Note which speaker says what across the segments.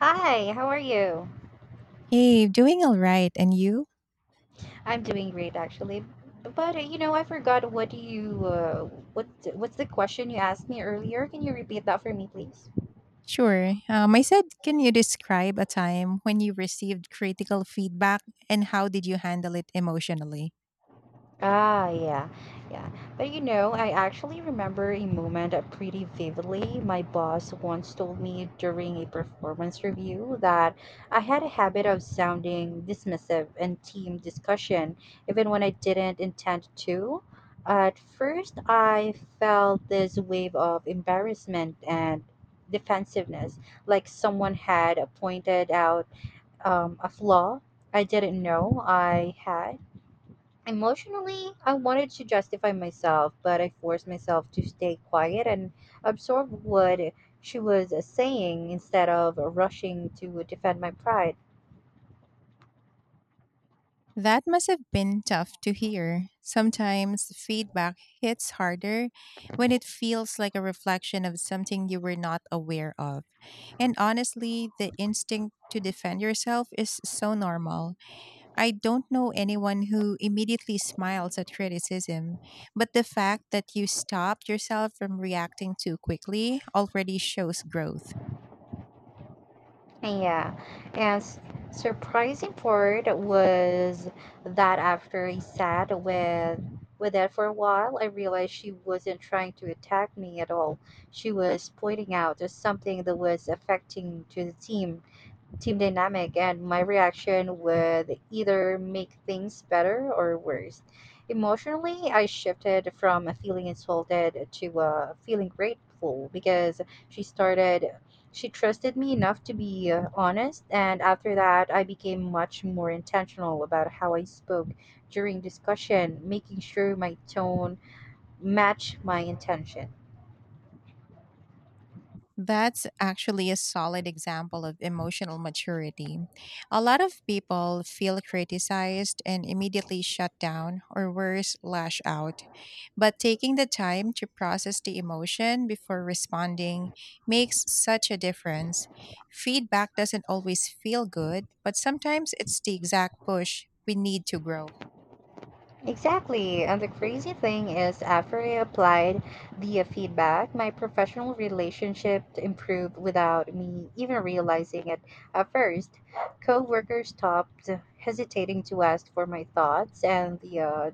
Speaker 1: Hi, how are you?
Speaker 2: Hey, doing all right. And you?
Speaker 1: I'm doing great actually. But I forgot what you what what's the question you asked me earlier? Can you repeat that for me, please?
Speaker 2: Sure. I said, can you describe a time when you received critical feedback and how did you handle it emotionally?
Speaker 1: Yeah, yeah. But you know, I actually remember a moment pretty vividly. My boss once told me during a performance review that I had a habit of sounding dismissive in team discussion, even when I didn't intend to. At first, I felt this wave of embarrassment and defensiveness, like someone had pointed out a flaw I didn't know I had. Emotionally, I wanted to justify myself, but I forced myself to stay quiet and absorb what she was saying instead of rushing to defend my pride.
Speaker 2: That must have been tough to hear. Sometimes feedback hits harder when it feels like a reflection of something you were not aware of. And honestly, the instinct to defend yourself is so normal. I don't know anyone who immediately smiles at criticism, but the fact that you stopped yourself from reacting too quickly already shows growth.
Speaker 1: Yeah, and surprising part was that after I sat with that for a while, I realized she wasn't trying to attack me at all. She was pointing out something that was affecting to the team dynamic and my reaction would either make things better or worse. Emotionally, I shifted from feeling insulted to feeling grateful because she started, she trusted me enough to be honest. And after that, I became much more intentional about how I spoke during discussion, making sure my tone matched my intention.
Speaker 2: That's actually a solid example of emotional maturity. A lot of people feel criticized and immediately shut down or worse, lash out. But taking the time to process the emotion before responding makes such a difference. Feedback doesn't always feel good, but sometimes it's the exact push we need to grow.
Speaker 1: Exactly. And the crazy thing is, after I applied the feedback, my professional relationship improved without me even realizing it at first. Coworkers stopped hesitating to ask for my thoughts, and the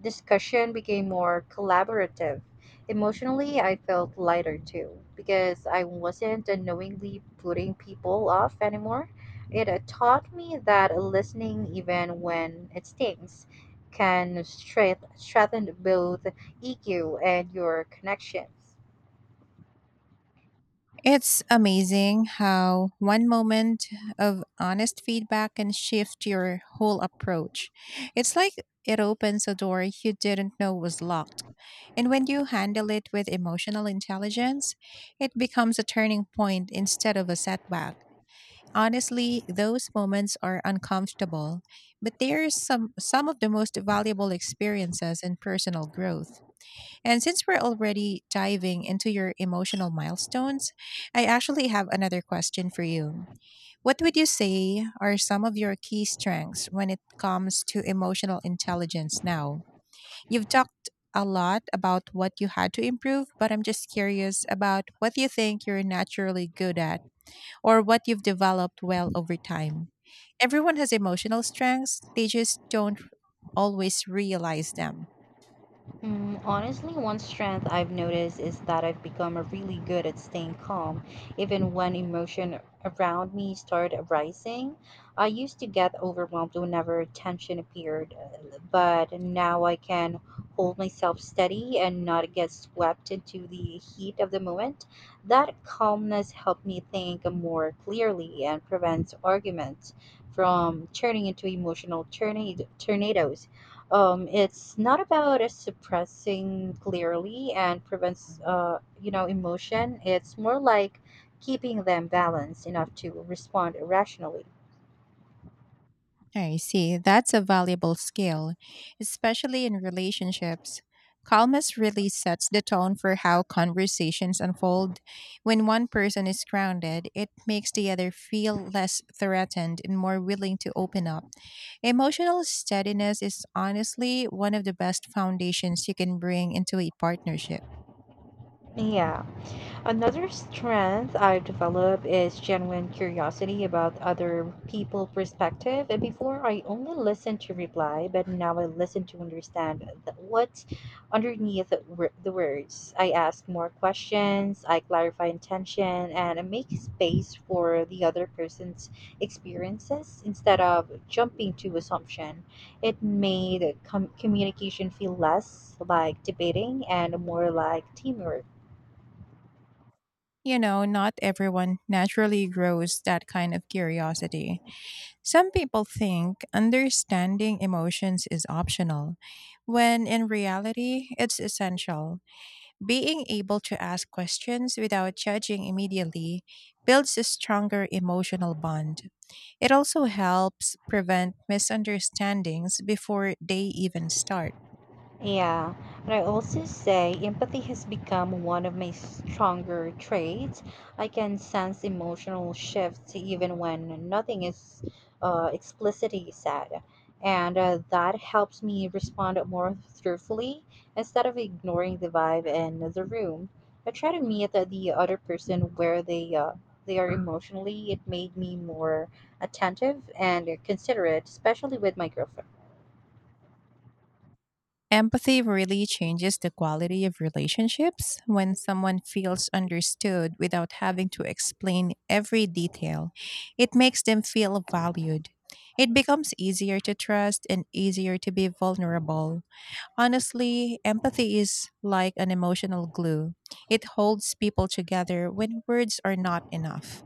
Speaker 1: discussion became more collaborative. Emotionally, I felt lighter too because I wasn't unknowingly putting people off anymore. It taught me that listening, even when it stings, can strengthen both EQ and your connections.
Speaker 2: It's amazing how one moment of honest feedback can shift your whole approach. It's like it opens a door you didn't know was locked. And when you handle it with emotional intelligence, it becomes a turning point instead of a setback. Honestly, those moments are uncomfortable, but they are some of the most valuable experiences in personal growth. And since we're already diving into your emotional milestones, I actually have another question for you. What would you say are some of your key strengths when it comes to emotional intelligence now? You've talked a lot about what you had to improve, but I'm just curious about what you think you're naturally good at or what you've developed well over time. Everyone has emotional strengths, they just don't always realize them.
Speaker 1: Mm, honestly, one strength I've noticed is that I've become really good at staying calm, even when emotion around me start rising. I used to get overwhelmed whenever tension appeared, but now I can hold myself steady and not get swept into the heat of the moment. That calmness helped me think more clearly and prevents arguments from turning into emotional tornadoes. It's not about suppressing clearly and prevents emotion. It's more like keeping them balanced enough to respond rationally.
Speaker 2: I see. That's a valuable skill, especially in relationships. Calmness really sets the tone for how conversations unfold. When one person is grounded, it makes the other feel less threatened and more willing to open up. Emotional steadiness is honestly one of the best foundations you can bring into a partnership.
Speaker 1: Yeah. Another strength I've developed is genuine curiosity about other people's perspective. And before I only listened to reply, but now I listen to understand what's underneath the the words. I ask more questions, I clarify intention, and I make space for the other person's experiences instead of jumping to assumption. It made communication feel less like debating and more like teamwork.
Speaker 2: You know, not everyone naturally grows that kind of curiosity. Some people think understanding emotions is optional, when in reality, it's essential. Being able to ask questions without judging immediately builds a stronger emotional bond. It also helps prevent misunderstandings before they even start.
Speaker 1: Yeah, but I also say empathy has become one of my stronger traits. I can sense emotional shifts even when nothing is explicitly said, and that helps me respond more truthfully instead of ignoring the vibe in the room. I try to meet the other person where they are emotionally. It made me more attentive and considerate, especially with my girlfriend.
Speaker 2: Empathy really changes the quality of relationships when someone feels understood without having to explain every detail. It makes them feel valued. It becomes easier to trust and easier to be vulnerable. Honestly, empathy is like an emotional glue. It holds people together when words are not enough.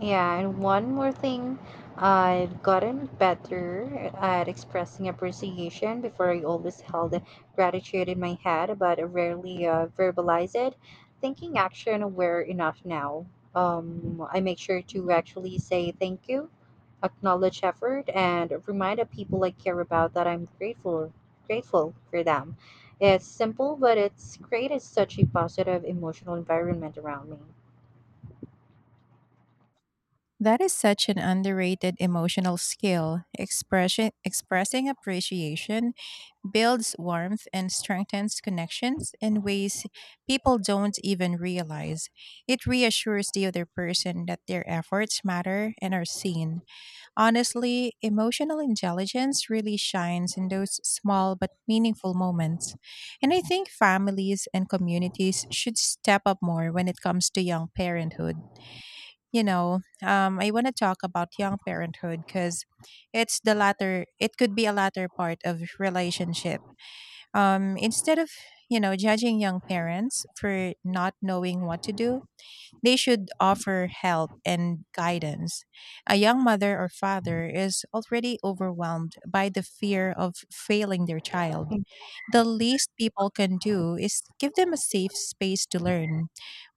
Speaker 1: Yeah, and one more thing, I've gotten better at expressing appreciation. Before, I always held gratitude in my head, but I rarely verbalize it. Thinking action aware enough now. I make sure to actually say thank you, acknowledge effort, and remind the people I care about that I'm grateful for them. It's simple, but it's created such a positive emotional environment around me.
Speaker 2: That is such an underrated emotional skill. Expressing appreciation builds warmth and strengthens connections in ways people don't even realize. It reassures the other person that their efforts matter and are seen. Honestly, emotional intelligence really shines in those small but meaningful moments. And I think families and communities should step up more when it comes to young parenthood. I want to talk about young parenthood because it's the latter, it could be a latter part of relationship. Instead of, judging young parents for not knowing what to do, they should offer help and guidance. A young mother or father is already overwhelmed by the fear of failing their child. The least people can do is give them a safe space to learn.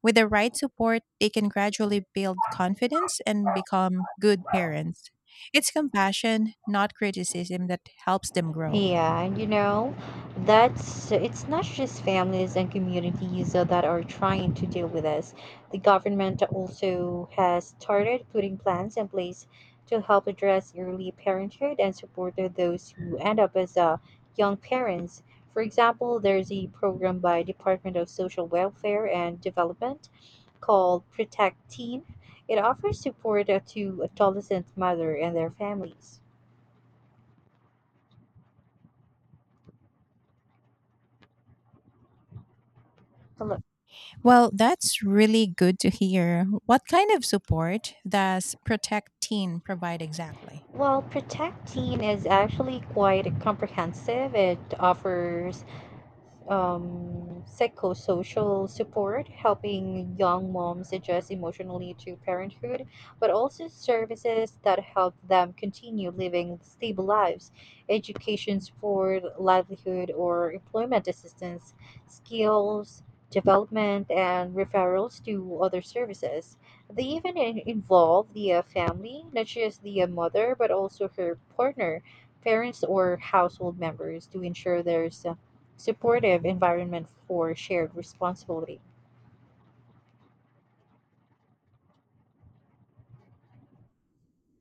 Speaker 2: With the right support, they can gradually build confidence and become good parents. It's compassion, not criticism, that helps them grow.
Speaker 1: Yeah, and you know, that's it's not just families and communities that are trying to deal with this. The government also has started putting plans in place to help address early parenthood and support those who end up as young parents. For example, there's a program by Department of Social Welfare and Development called Protect Teen. It offers support to adolescent mother and their families. Hello.
Speaker 2: Well, that's really good to hear. What kind of support does Protect Teen provide exactly?
Speaker 1: Well, Protect is actually quite comprehensive. It offers psychosocial support, helping young moms adjust emotionally to parenthood, but also services that help them continue living stable lives, education support, livelihood or employment assistance, skills development, and referrals to other services. They even involve the family, not just the mother, but also her partner, parents, or household members to ensure there's supportive environment for shared responsibility.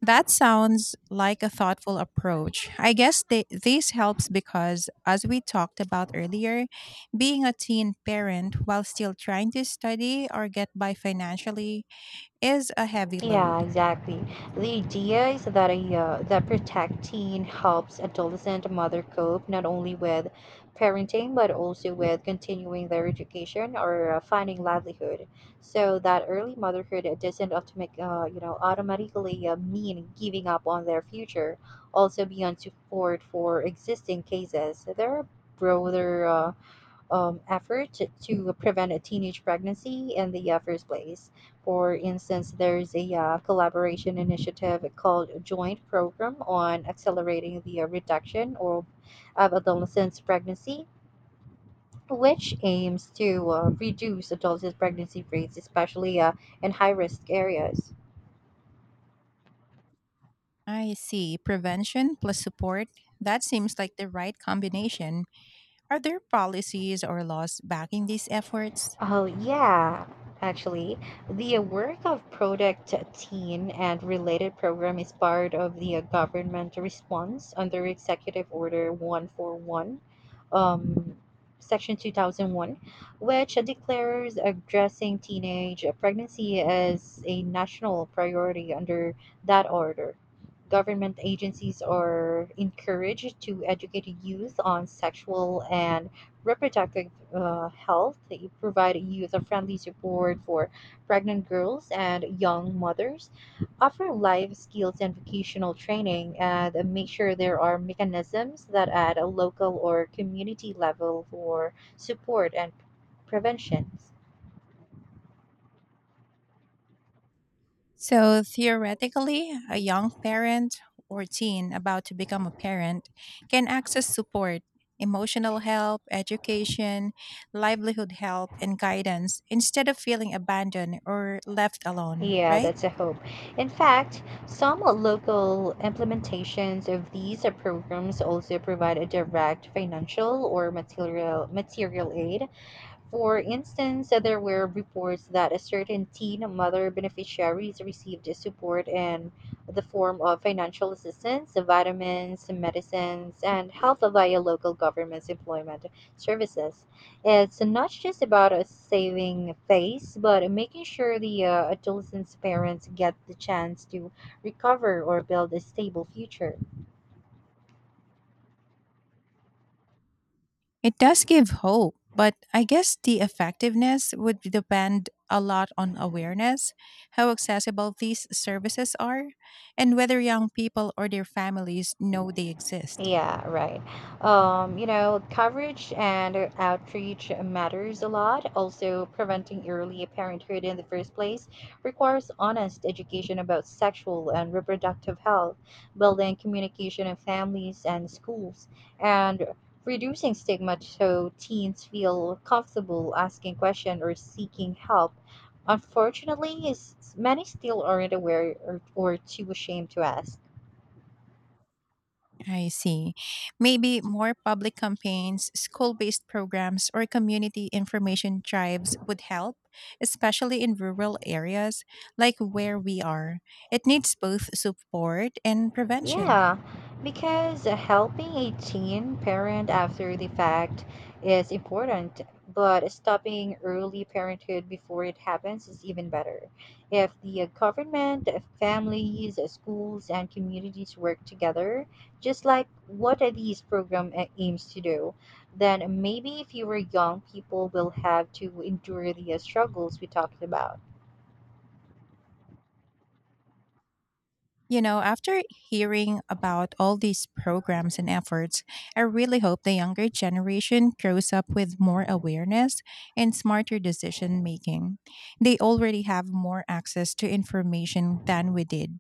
Speaker 2: That sounds like a thoughtful approach. I guess this helps because, as we talked about earlier, being a teen parent while still trying to study or get by financially is a heavy
Speaker 1: Yeah,
Speaker 2: load.
Speaker 1: exactly. The idea is that a that Protect Teen helps adolescent mother cope not only with parenting but also with continuing their education or finding livelihood. So that early motherhood, it doesn't automatically mean giving up on their future. Also, beyond support for existing cases, there are broader effort to prevent a teenage pregnancy in the first place. For instance, there's a collaboration initiative called Joint Program on Accelerating the Reduction or of Adolescent Pregnancy, which aims to reduce adolescent pregnancy rates, especially in high risk areas.
Speaker 2: I see. Prevention plus support. That seems like the right combination. Are there policies or laws backing these efforts?
Speaker 1: Oh, yeah, actually. The work of Project Teen and related program is part of the government response under Executive Order 141, um, Section 2001, which declares addressing teenage pregnancy as a national priority under that order. Government agencies are encouraged to educate youth on sexual and reproductive health. They provide youth a friendly support for pregnant girls and young mothers, offer life skills and vocational training, and make sure there are mechanisms that at a local or community level for support and prevention.
Speaker 2: So theoretically, a young parent or teen about to become a parent can access support, emotional help, education, livelihood help, and guidance instead of feeling abandoned or left alone,
Speaker 1: Yeah,
Speaker 2: right?
Speaker 1: that's a hope. In fact, some local implementations of these programs also provide a direct financial or material aid. For instance, there were reports that a certain teen mother beneficiaries received support in the form of financial assistance, vitamins, medicines, and health via local government's employment services. It's not just about saving face, but making sure the adolescent's parents get the chance to recover or build a stable future.
Speaker 2: It does give hope, but I guess the effectiveness would depend a lot on awareness, how accessible these services are, and whether young people or their families know they exist.
Speaker 1: Yeah, right. You know, coverage and outreach matters a lot. Also, preventing early parenthood in the first place requires honest education about sexual and reproductive health, building communication in families and schools, and reducing stigma so teens feel comfortable asking questions or seeking help. Unfortunately, is many still aren't aware or too ashamed to ask.
Speaker 2: I see. Maybe more public campaigns, school based programs, or community information drives would help, especially in rural areas like where we are. It needs both support and prevention.
Speaker 1: Yeah, because helping a teen parent after the fact is important, but stopping early parenthood before it happens is even better. If the government, families, schools, and communities work together, just like what these aims to do, then maybe fewer young people will have to endure the struggles we talked about.
Speaker 2: You know, after hearing about all these programs and efforts, I really hope the younger generation grows up with more awareness and smarter decision making. They already have more access to information than we did.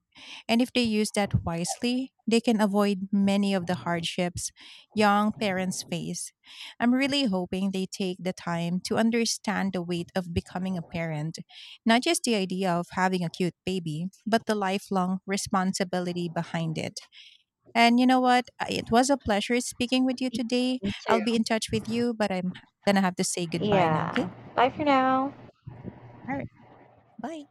Speaker 2: And if they use that wisely, they can avoid many of the hardships young parents face. I'm really hoping they take the time to understand the weight of becoming a parent, not just the idea of having a cute baby, but the lifelong responsibility behind it. And you know what? It was a pleasure speaking with you today.
Speaker 1: Me too.
Speaker 2: I'll be in touch with you, but I'm going to have to say goodbye now, okay?
Speaker 1: Yeah. Bye for now.
Speaker 2: All right. Bye.